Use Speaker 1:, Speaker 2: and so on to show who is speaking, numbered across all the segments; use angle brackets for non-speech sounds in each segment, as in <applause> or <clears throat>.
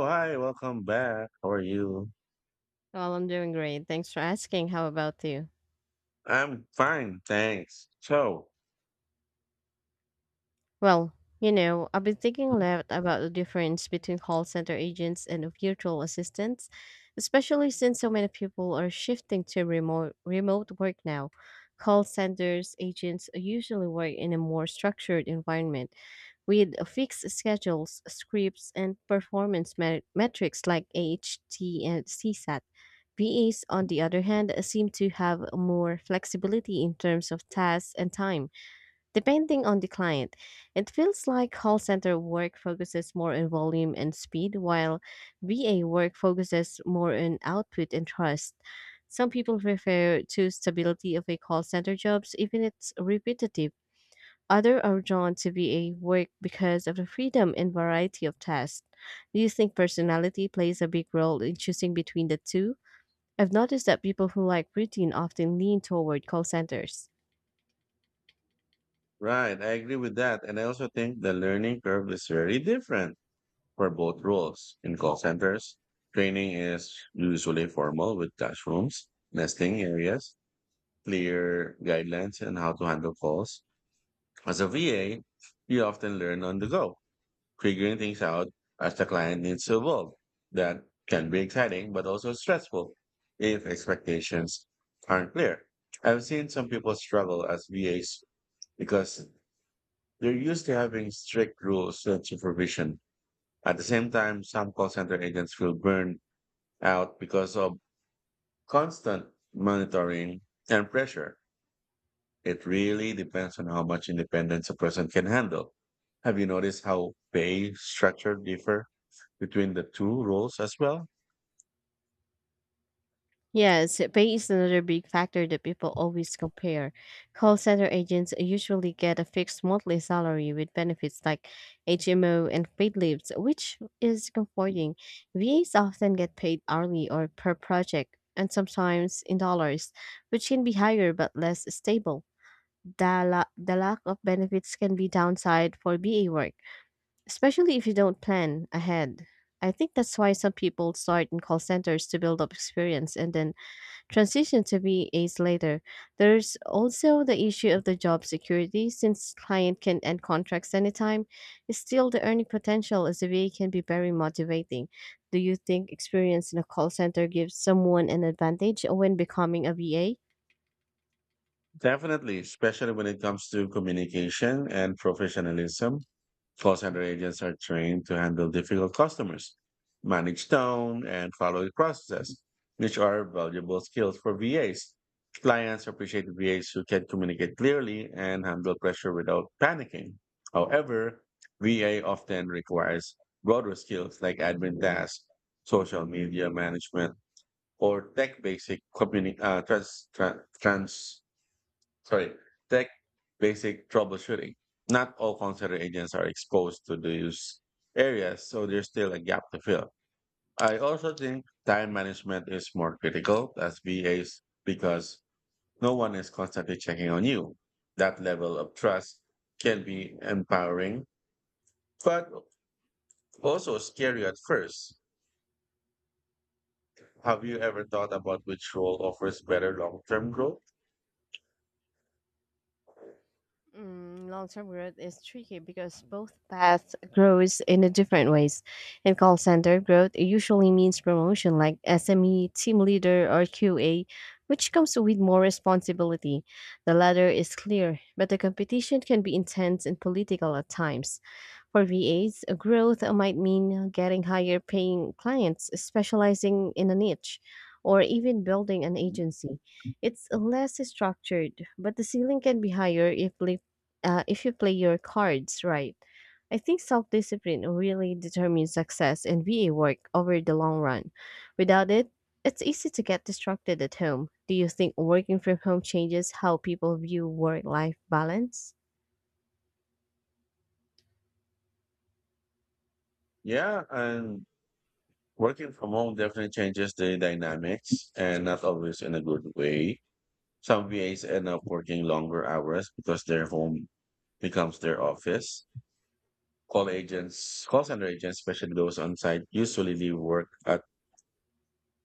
Speaker 1: Oh, hi, welcome back. How are you?
Speaker 2: Well, I'm doing great. Thanks for asking. How about you?
Speaker 1: I'm fine, thanks.
Speaker 2: Well, you know, I've been thinking a
Speaker 1: Mhm.
Speaker 2: lot about the difference between call center agents and virtual assistants, especially since so many people are shifting to remote work now. Call centers agents usually work in a more structured environment with fixed schedules, scripts, and performance metrics like AHT and CSAT. VAs, on the other hand, seem to have more flexibility in terms of tasks and time, depending on the client. It feels like call center work focuses more on volume and speed, while VA work focuses more on output and trust. Some people prefer to stability of a call center jobs, even if it's repetitive. Others are drawn to VA work because of the freedom and variety of tasks. Do you think personality plays a big role in choosing between the two? I've noticed that people who like routine often lean toward call centers.
Speaker 1: Right, I agree with that. And I also think the learning curve is very different for both roles. In call centers, training is usually formal with classrooms, nesting areas, clear guidelines, and how to handle calls. As a VA, you often learn on the go figuring things out as the client needs to evolve. That can be exciting, but also stressful if expectations aren't clear. I've seen some people struggle as VAs because they're used to having strict rules and supervision. At the same time, some call center agents feel burned out because of constant monitoring and pressure. It really depends on how much independence a person can handle. Have you noticed how pay structure differ between the two roles as well?
Speaker 2: Yes, pay is another big factor that people always compare. Call center agents usually get a fixed monthly salary with benefits like HMO and paid leaves, which is comforting. VAs often get paid hourly or per project, and sometimes in dollars, which can be higher but less stable. The lack of benefits can be downside for BA work especially if you don't plan ahead. I think that's why some people start in call centers to build up experience and then transition to VAs later. There's also the issue of the job security since client can end contracts anytime. Still, the earning potential as a VA can be very motivating. Do you think experience in a call center gives someone an advantage when becoming a VA?
Speaker 1: Definitely, especially when it comes to communication and professionalism. Call center agents are trained to handle difficult customers, manage tone, and follow the process, which are valuable skills for VAs. Clients appreciate VAs who can communicate clearly and handle pressure without panicking. However, VA often requires broader skills like admin tasks, social media management, or tech basic communi- trans, tran- trans, sorry, tech basic troubleshooting. Not all consular agents are exposed to these areas, so there's still a gap to fill. I also think time management is more critical as VAs because no one is constantly checking on you. That level of trust can be empowering, but also scary at first. Have you ever thought about which role offers better long term growth? Mhm.
Speaker 2: Mm, long-term growth is tricky because both paths grows in a different ways. In call center, growth usually means promotion like SME, team leader, or QA, which comes with more responsibility. The latter is clear, but the competition can be intense and political at times. For VAs, growth might mean getting higher paying clients, specializing in a niche, or even building an agency. It's less structured, but the ceiling can be higher if you play your cards right. I think self discipline really determines success in VA work over the long run. Without it, it's easy to get distracted at home. Do you think working from home changes how people view work life balance?
Speaker 1: Yeah, and working from home definitely changes the dynamics and not always in a good way. Some VAs end up working longer hours because their home becomes their office. Call center agents, especially those on site, usually leave work at,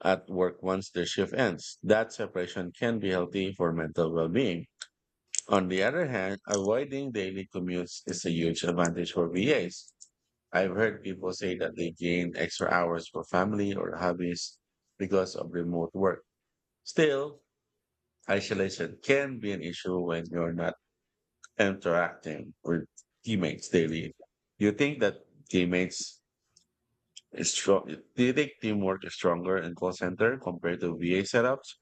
Speaker 1: at work once their shift ends. That separation can be healthy for mental well being. On the other hand, avoiding daily commutes is a huge advantage for VAs. I've heard people say that they gain extra hours for family or hobbies because of remote work. Still, isolation can be an issue when you're not interacting with teammates daily. Do you think that teammates is strong? Do you think teamwork is stronger in call center compared to VA setups?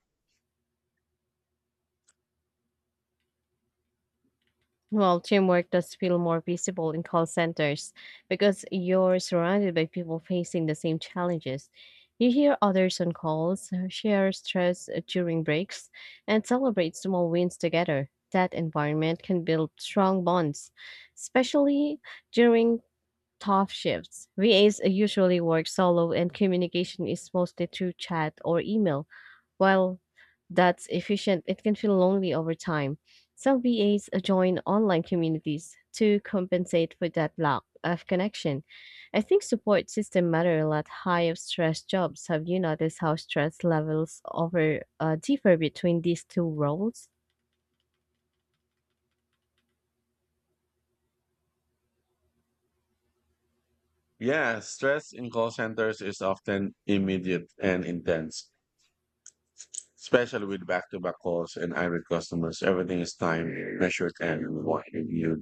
Speaker 2: Well, teamwork does feel more visible in call centers because you're surrounded by people facing the same challenges. You hear others on calls, share stress during breaks, and celebrate small wins together. That environment can build strong bonds, especially during tough shifts. VAs usually work solo, and communication is mostly through chat or email. While that's efficient, it can feel lonely over time. Some VAs join online communities to compensate for that lack of connection. I think support system matter a lot high of stress jobs. Have you noticed how stress levels over differ between these two roles?
Speaker 1: Yeah, stress in call centers is often immediate and intense especially with back-to-back calls and irate customers. Everything is timed, measured, and reviewed,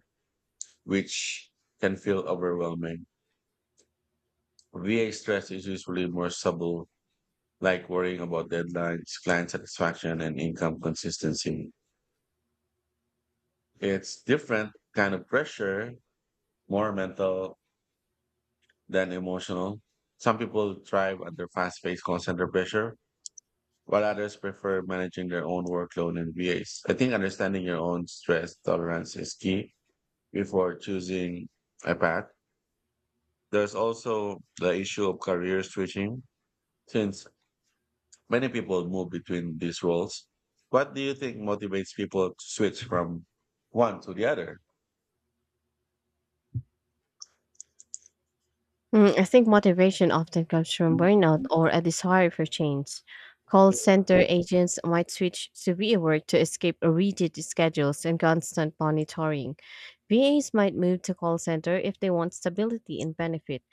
Speaker 1: which can feel overwhelming. VA stress is usually more subtle, like worrying about deadlines, client satisfaction, and income consistency. It's different kind of pressure, more mental than emotional. Some people thrive under fast-paced call center pressure, while others prefer managing their own workload and VAs. I think understanding your own stress tolerance is key before choosing a path. There's also the issue of career switching, since many people move between these roles. What do you think motivates people to switch from one to the other?
Speaker 2: Mm, I think motivation often comes from burnout or a desire for change. Call center agents might switch to VA work to escape rigid schedules and constant monitoring. VAs might move to call center if they want stability and benefit.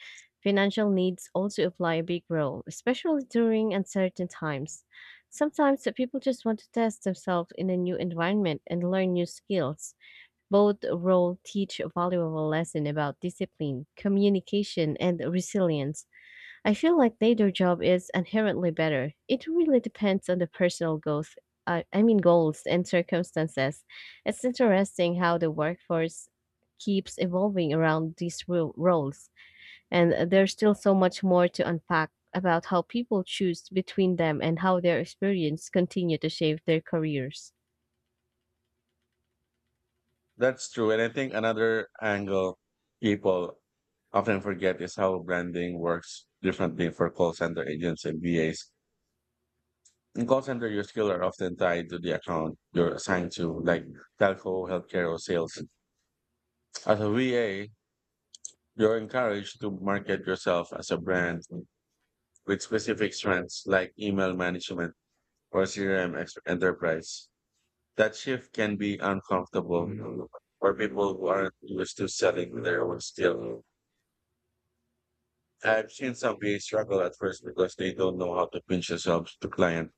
Speaker 2: Financial needs also apply a big role, especially during uncertain times. Sometimes the people just want to test themselves in a new environment and learn new skills. Both roles teach a valuable lesson about discipline, communication, and resilience. I feel like neither job is inherently better. It really depends on the personal goals. I mean goals and circumstances. It's interesting how the workforce keeps evolving around these roles, and there's still so much more to unpack about how people choose between them and how their experience continue to shape their careers.
Speaker 1: That's true. And I think another angle people often forget is how branding works differently for call center agents and VAs. In call center, your skills are often tied to the account you're assigned to, like telco, healthcare, or sales. As a VA, you're encouraged to market yourself as a brand with specific strengths like email management or enterprise. That shift can be uncomfortable for people who aren't used to selling their own skill. I've seen some VA struggle at first because they don't know how to pinch themselves to client.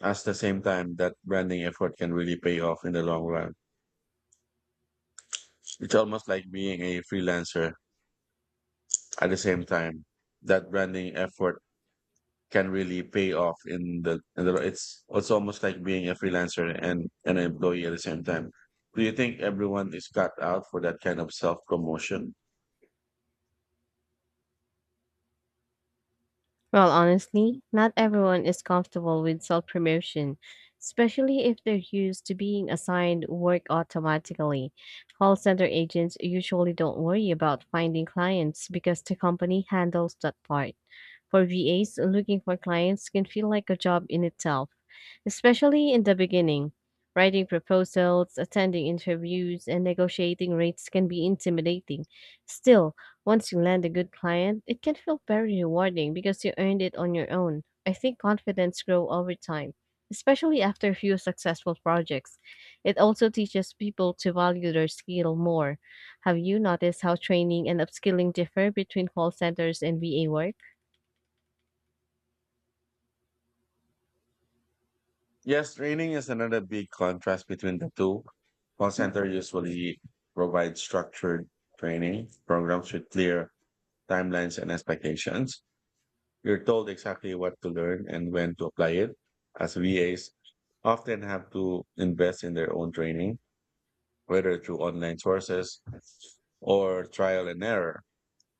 Speaker 1: At the same time, that branding effort can really pay off in the long run. It's almost like being a freelancer at the same time. That branding effort can really pay off in the, it's almost like being a freelancer and an employee at the same time. Do you think everyone is cut out for that kind of self promotion?
Speaker 2: Well, honestly, not everyone is comfortable with self promotion, especially if they're used to being assigned work automatically. Call center agents usually don't worry about finding clients because the company handles that part. For VAs, looking for clients can feel like a job in itself, especially in the beginning. Writing proposals, attending interviews, and negotiating rates can be intimidating. Still, once you land a good client, it can feel very rewarding because you earned it on your own. I think confidence grows over time, especially after a few successful projects. It also teaches people to value their skill more. Have you noticed how training and upskilling differ between call centers and VA work?
Speaker 1: Yes, training is another big contrast between the two. Call center usually provides structured training programs with clear timelines and expectations. You're told exactly what to learn and when to apply it. As VAs often have to invest in their own training whether through online sources or trial and error,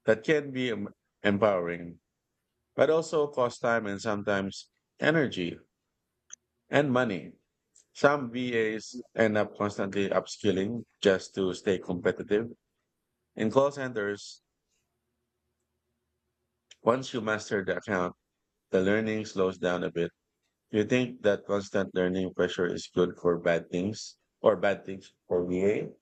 Speaker 1: that can be empowering, but also cost time and sometimes energy and money. Some VAs end up constantly upskilling just to stay competitive. In call centers, once you master the account, the learning slows down a bit. Do you think that constant learning pressure is good for bad things or bad things for VA?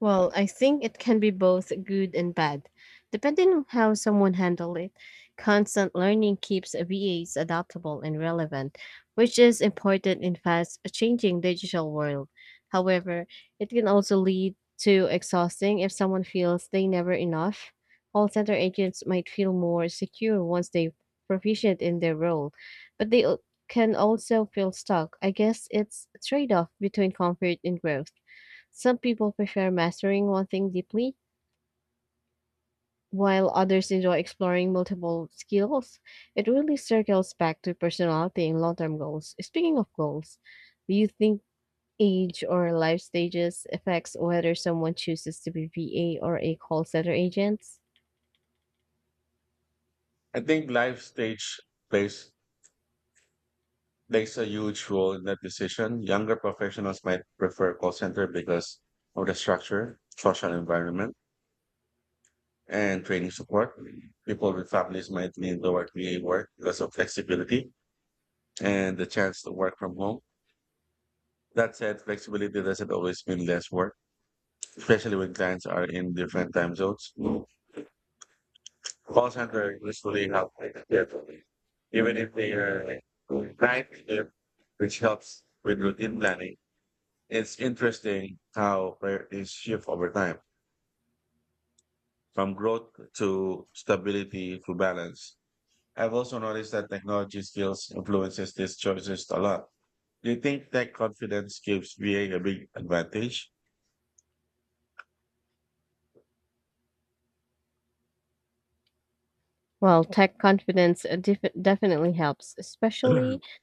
Speaker 2: Well, I think it can be both good and bad, depending on how someone handles it. Constant learning keeps VAs adaptable and relevant, which is important in fast changing digital world. However, it can also lead to exhausting if someone feels they never enough. Call center agents might feel more secure once they proficient in their role, but can also feel stuck. I guess it's a trade-off between comfort and growth. Some people prefer mastering one thing deeply, while others enjoy exploring multiple skills. It really circles back to personality and long term goals. Speaking of goals, do you think age or life stages affects whether someone chooses to be VA or a call center agent?
Speaker 1: I think life stage plays There's a huge role in that decision. Younger professionals might prefer call center because of the structure, social environment, and training support. People with families might lean toward VA work because of flexibility and the chance to work from home. That said, flexibility doesn't always mean less work, especially when clients are in different time zones. Call center usually help carefully, even if they are like, night shift, which helps with routine planning. It's interesting how priorities shift over time, from growth to stability to balance. I've also noticed that technology skills influences these choices a lot. Do you think tech confidence gives VA a big advantage?
Speaker 2: Well, tech confidence definitely helps, especially
Speaker 1: <clears throat>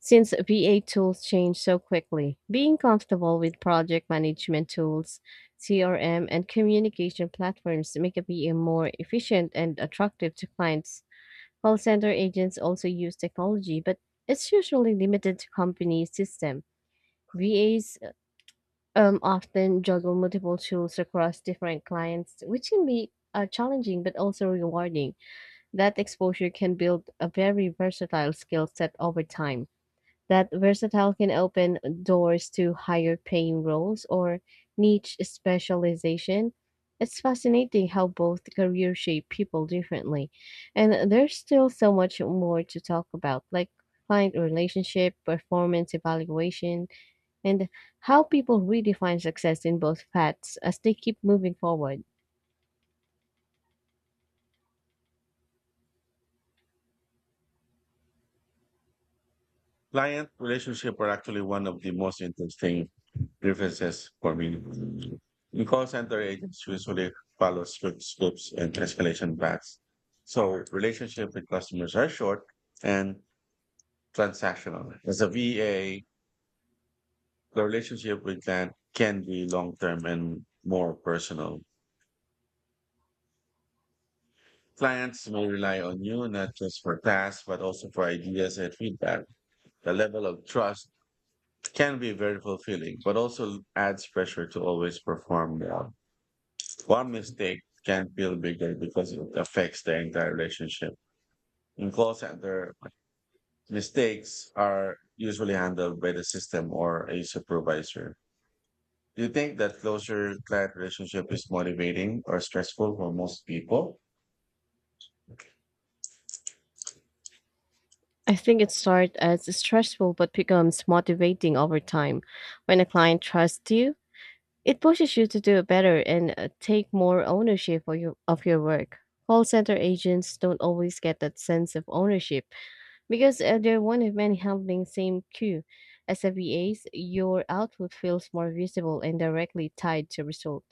Speaker 2: since VA tools change so quickly, being comfortable with project management tools, CRM, and communication platforms make a VA more efficient and attractive to clients. Call center agents also use technology, but it's usually limited to company system. VAs often juggle multiple tools across different clients, which can be challenging but also rewarding. That exposure can build a very versatile skill set over time that versatile can open doors to higher paying roles or niche specialization. It's fascinating how both careers shape people differently. And there's still so much more to talk about, like client relationship, performance evaluation, and how people redefine success in both paths as they keep moving forward.
Speaker 1: Client relationship are actually one of the most interesting differences for me. In call center agents usually follow strict scripts and escalation paths. So relationship with customers are short and transactional. As a VA, the relationship with client can be long term and more personal. Clients may rely on you not just for tasks, but also for ideas and feedback. The level of trust can be very fulfilling, but also adds pressure to always perform well. One mistake can feel bigger because it affects the entire relationship. In call center, mistakes are usually handled by the system or a supervisor. Do you think that closer client relationship is motivating or stressful for most people?
Speaker 2: I think it starts as stressful but becomes motivating over time. When a client trusts you, it pushes you to do better and take more ownership of your work. Call center agents don't always get that sense of ownership. Because they're one of many handling same queue. As a VAs, your output feels more visible and directly tied to result.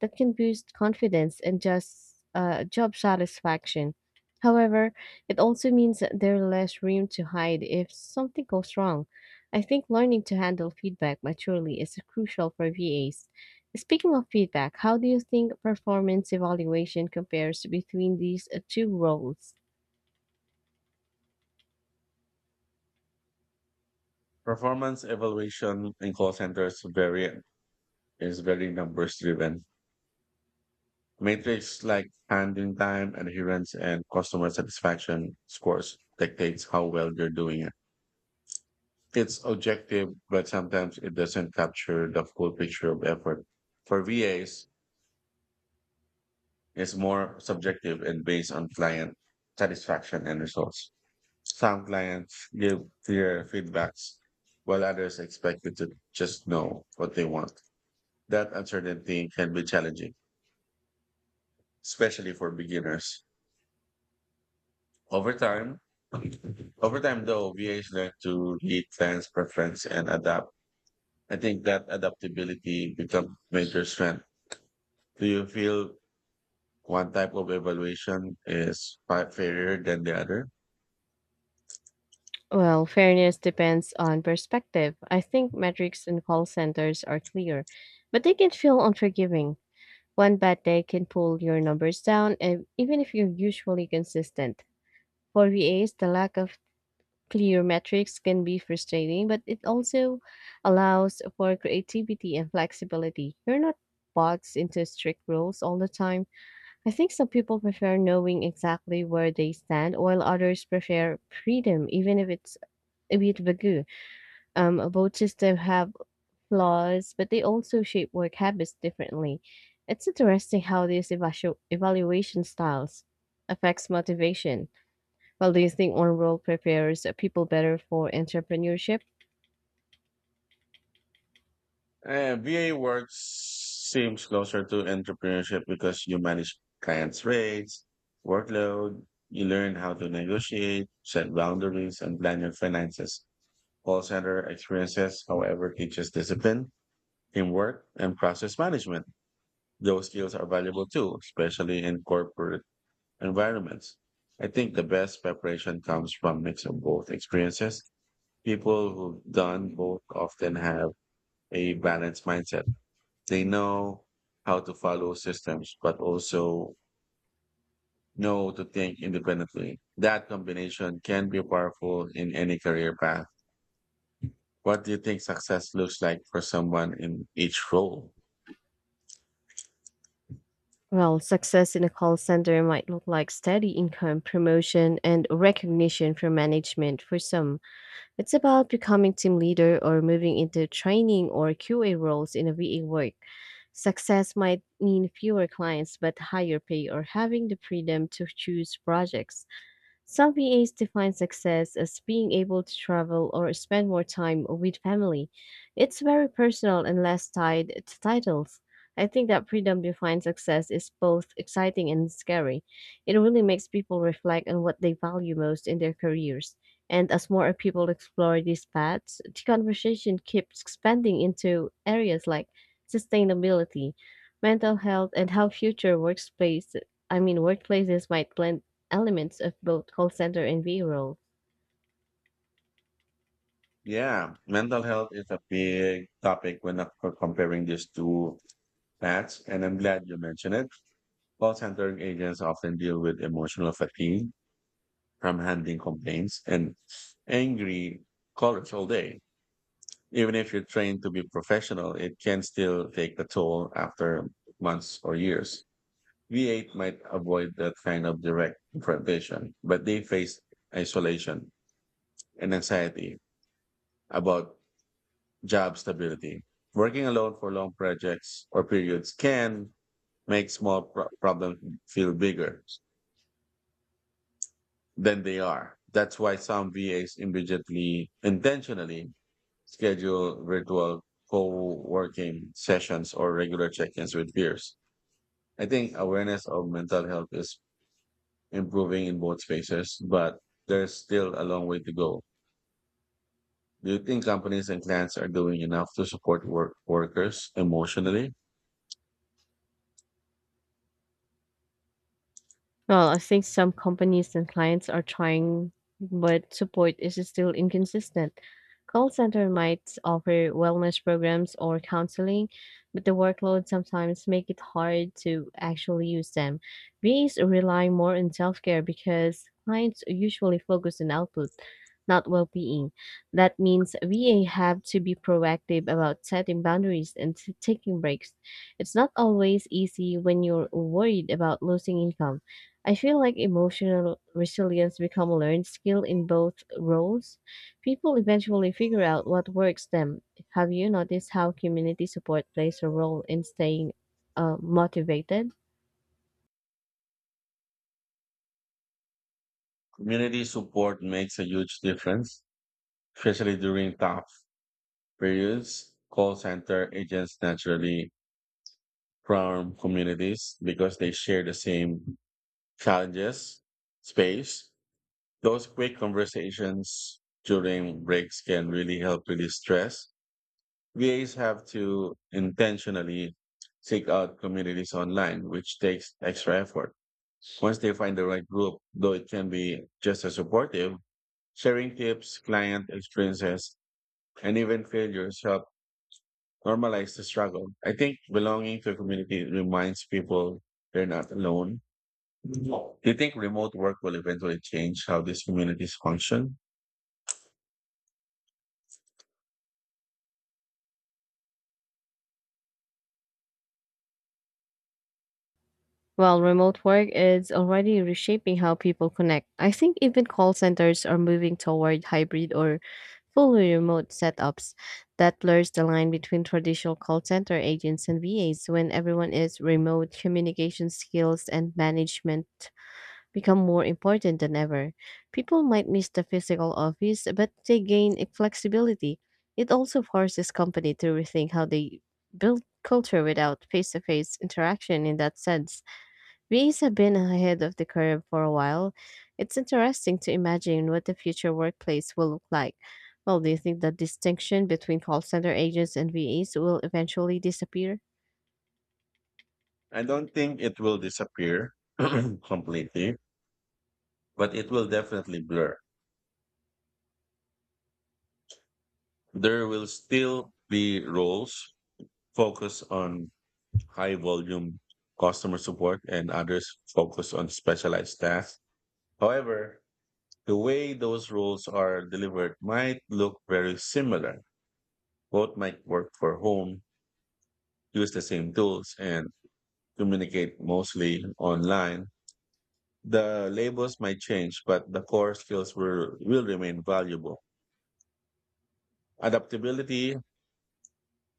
Speaker 2: That can boost confidence and just job satisfaction. However, it also means that there's less room to hide if something goes wrong. I think learning to handle feedback maturely is crucial for VAs. Speaking of feedback, how do you think performance evaluation compares between these two roles?
Speaker 1: Performance evaluation in call centers vary is very numbers driven. Metrics like handling time, adherence, and customer satisfaction scores dictates how well you're doing it. It's objective, but sometimes it doesn't capture the full picture of effort. For VAs, it's more subjective and based on client satisfaction and results. Some clients give clear feedbacks, while others expect you to just know what they want. That uncertainty can be challenging, especially for beginners. Over time, over time, though, VAs learn to read fans' preference and adapt. I think that adaptability becomes major strength. Do you feel one type of evaluation is fairer than the other?
Speaker 2: Well, fairness depends on perspective. I think metrics in call centers are clear, but they can feel unforgiving. One bad day can pull your numbers down, and even if you're usually consistent. For VAs, the lack of clear metrics can be frustrating, but it also allows for creativity and flexibility. You're not boxed into strict rules all the time. I think some people prefer knowing exactly where they stand, while others prefer freedom, even if it's a bit vague. Both systems have flaws, but they also shape work habits differently. It's interesting how these evaluation styles affects motivation. Well, do you think one role prepares people better for entrepreneurship?
Speaker 1: VA work seems closer to entrepreneurship because you manage clients' rates, workload, you learn how to negotiate, set boundaries, and plan your finances. Call center experiences, however, teaches discipline teamwork and process management. Those skills are valuable too, especially in corporate environments. I think the best preparation comes from mix of both experiences. People who've done both often have a balanced mindset. They know how to follow systems, but also know to think independently. That combination can be powerful in any career path. What do you think success looks like for someone in each role?
Speaker 2: Well, success in a call center might look like steady income, promotion, and recognition from management for some. It's about becoming team leader or moving into training or QA roles in a VA work. Success might mean fewer clients but higher pay or having the freedom to choose projects. Some VAs define success as being able to travel or spend more time with family. It's very personal and less tied to titles. I think that freedom defined success is both exciting and scary. It really makes people reflect on what they value most in their careers. And as more people explore these paths, the conversation keeps expanding into areas like sustainability, mental health, and how future workspace I mean workplaces might blend elements of both call center and video.
Speaker 1: Yeah, mental health is a big topic when comparing these two paths, and I'm glad you mentioned it. Call center agents often deal with emotional fatigue from handling complaints and angry callers all day. Even if you're trained to be professional, it can still take a toll after months or years. V8 might avoid that kind of direct confrontation, but they face isolation and anxiety about job stability. Working alone for long projects or periods can make small problems feel bigger than they are. That's why some VAs immediately, intentionally schedule virtual co-working sessions or regular check-ins with peers. I think awareness of mental health is improving in both spaces, but there's still a long way to go. Do you think companies and clients are doing enough to support workers emotionally?
Speaker 2: Well, I think some companies and clients are trying, but support is still inconsistent. Call center might offer wellness programs or counseling, but the workload sometimes make it hard to actually use them. VAs rely more on self-care because clients usually focus on output, not well-being. That means VA have to be proactive about setting boundaries and taking breaks. It's not always easy when you're worried about losing income. I feel like emotional resilience become a learned skill in both roles. People eventually figure out what works them. Have you noticed how community support plays a role in staying motivated?
Speaker 1: Community support makes a huge difference, especially during tough periods. Call center agents naturally from communities because they share the same challenges, space. Those quick conversations during breaks can really help release stress. VAs have to intentionally seek out communities online, which takes extra effort. Once they find the right group, though it can be just as supportive, sharing tips, client experiences, and even failures help normalize the struggle. I think belonging to a community reminds people they're not alone. Do you think remote work will eventually change how these communities function?
Speaker 2: While remote work is already reshaping how people connect, I think even call centers are moving toward hybrid or fully remote setups that blurs the line between traditional call center agents and VAs. When everyone is remote, communication skills and management become more important than ever. People might miss the physical office, but they gain flexibility. It also forces company to rethink how they build culture without face-to-face interaction in that sense. VAs have been ahead of the curve for a while. It's interesting to imagine what the future workplace will look like. Well, do you think the distinction between call center agents and VAs will eventually disappear?
Speaker 1: I don't think it will disappear <clears throat> completely, but it will definitely blur. There will still be roles focused on high volume customer support and others focused on specialized tasks. However, the way those roles are delivered might look very similar. Both might work for home, use the same tools, and communicate mostly online. The labels might change, but the core skills will remain valuable. Adaptability,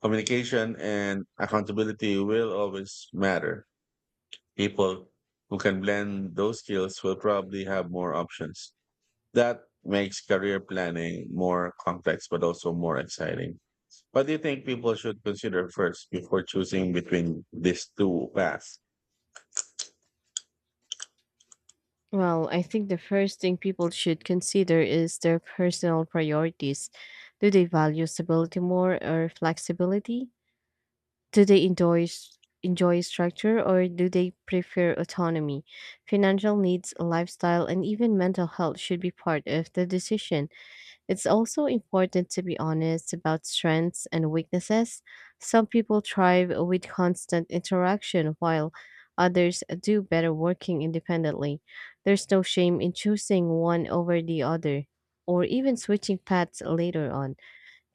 Speaker 1: communication, and accountability will always matter. People who can blend those skills will probably have more options. That makes career planning more complex, but also more exciting. What do you think people should consider first before choosing between these two paths?
Speaker 2: Well, I think the first thing people should consider is their personal priorities. Do they value stability more or flexibility? Do they enjoy structure or do they prefer autonomy? Financial needs, lifestyle, and even mental health should be part of the decision. It's also important to be honest about strengths and weaknesses. Some people thrive with constant interaction, while others do better working independently. There's no shame in choosing one over the other, or even switching paths later on.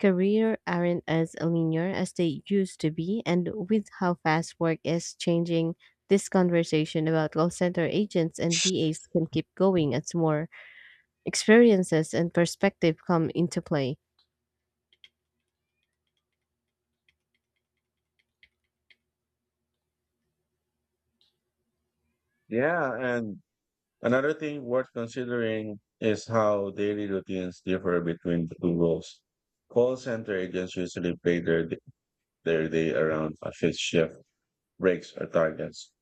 Speaker 2: Career aren't as linear as they used to be, and with how fast work is changing, this conversation about call center agents and VAs can keep going. It's more experiences and perspective come into play?
Speaker 1: Yeah, and another thing worth considering is how daily routines differ between the two roles. Call center agents usually play their day around a fixed shift, breaks, or targets.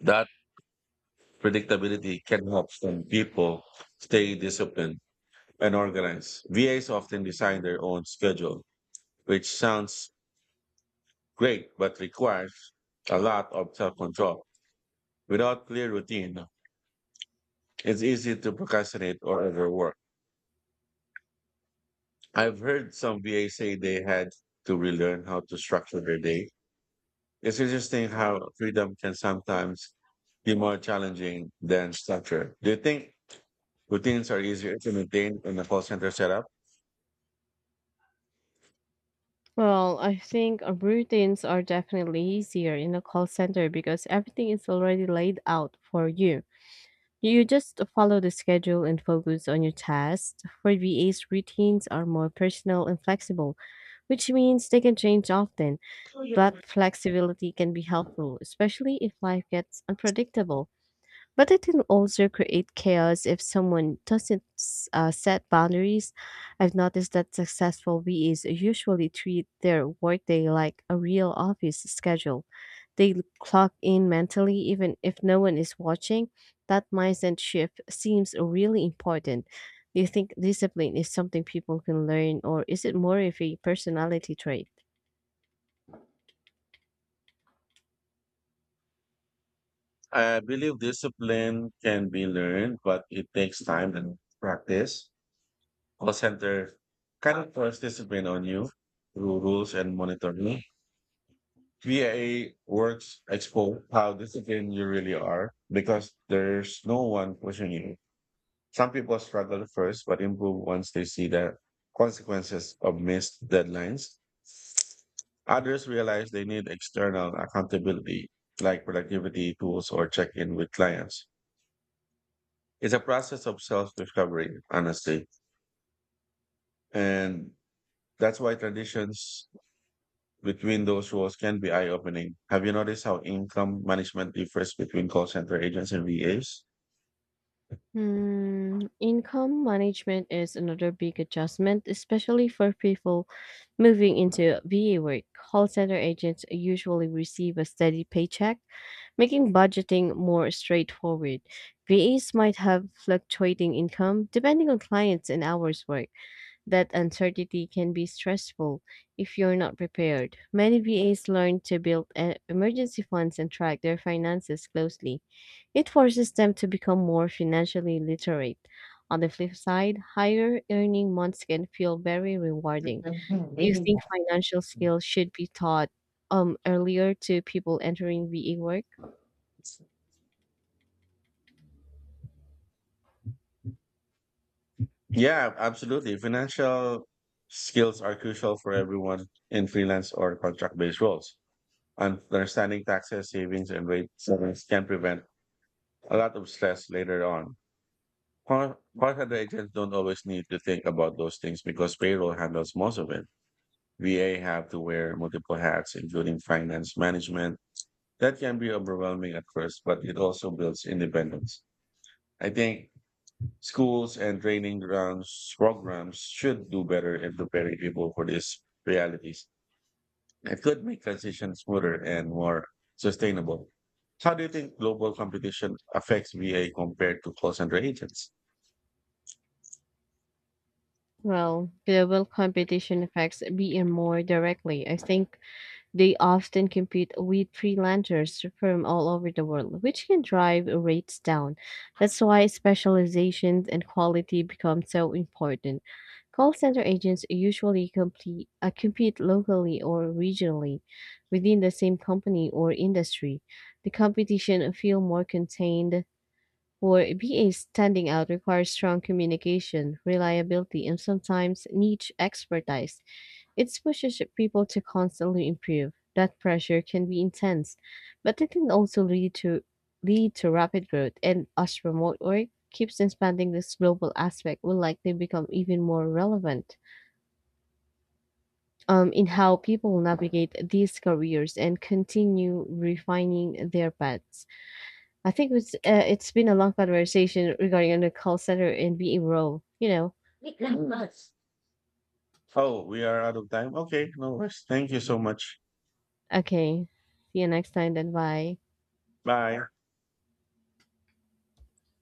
Speaker 1: That predictability can help some people stay disciplined and organized. VAs often design their own schedule, which sounds great but requires a lot of self control. Without clear routine, no. It's easy to procrastinate or overwork. I've heard some VA say they had to relearn how to structure their day. It's interesting how freedom can sometimes be more challenging than structure. Do you think routines are easier to maintain in a call center setup?
Speaker 2: Well, I think routines are definitely easier in a call center because everything is already laid out for you. You just follow the schedule and focus on your tasks. For VAs, routines are more personal and flexible, which means they can change often. That flexibility can be helpful, especially if life gets unpredictable. But it can also create chaos if someone doesn't set boundaries. I've noticed that successful VAs usually treat their workday like a real office schedule. Clock in mentally even if no one is watching. That mindset shift seems really important. Do you think discipline is something people can learn, or is it more of a personality trait?
Speaker 1: I believe discipline can be learned, but it takes time and practice. Call center kind of force discipline on you through rules and monitoring. VA works expose how disciplined you really are because there's no one pushing you. Some people struggle first but improve once they see the consequences of missed deadlines. Others realize they need external accountability, like productivity tools or check in with clients. It's a process of self discovery, honestly. And that's why traditions between those roles can be eye-opening. Have you noticed how income management differs between call center agents and VAs?
Speaker 2: Hmm, income management is another big adjustment, especially for people moving into VA work. Call center agents usually receive a steady paycheck, making budgeting more straightforward. VAs might have fluctuating income depending on clients and hours worked. That uncertainty can be stressful if you're not prepared. Many VAs learn to build emergency funds and track their finances closely. It forces them to become more financially literate. On the flip side, higher earning months can feel very rewarding. Do you think financial skills should be taught earlier to people entering VA work?
Speaker 1: Yeah, absolutely. Financial skills are crucial for everyone in freelance or contract-based roles. Understanding taxes, savings, and rate settings can prevent a lot of stress later on. Call center agents don't always need to think about those things because payroll handles most of it. VA have to wear multiple hats, including finance management. That can be overwhelming at first, but it also builds independence. I think schools and training grounds programs should do better in preparing people for these realities. It could make transition smoother and more sustainable. How do you think global competition affects VA compared to call center agents?
Speaker 2: Well, global
Speaker 1: <laughs>
Speaker 2: competition affects BE more directly. I think they often compete with freelancers from all over the world, which can drive rates down. That's why specializations and quality become so important. Call center agents usually compete locally or regionally within the same company or industry. The competition feel more contained. For BA standing out requires strong communication, reliability, and sometimes niche expertise. It pushes people to constantly improve. That pressure can be intense, but it can also lead to rapid growth. And as remote work keeps expanding, this global aspect will likely become even more relevant in how people navigate these careers and continue refining their paths. I think it's been a long conversation regarding the call center and being role. You know.
Speaker 1: Wait lang, boss. Oh, we are out of time. Okay, no worries. Thank you so much.
Speaker 2: Okay. See you next time. Then bye.
Speaker 1: Bye.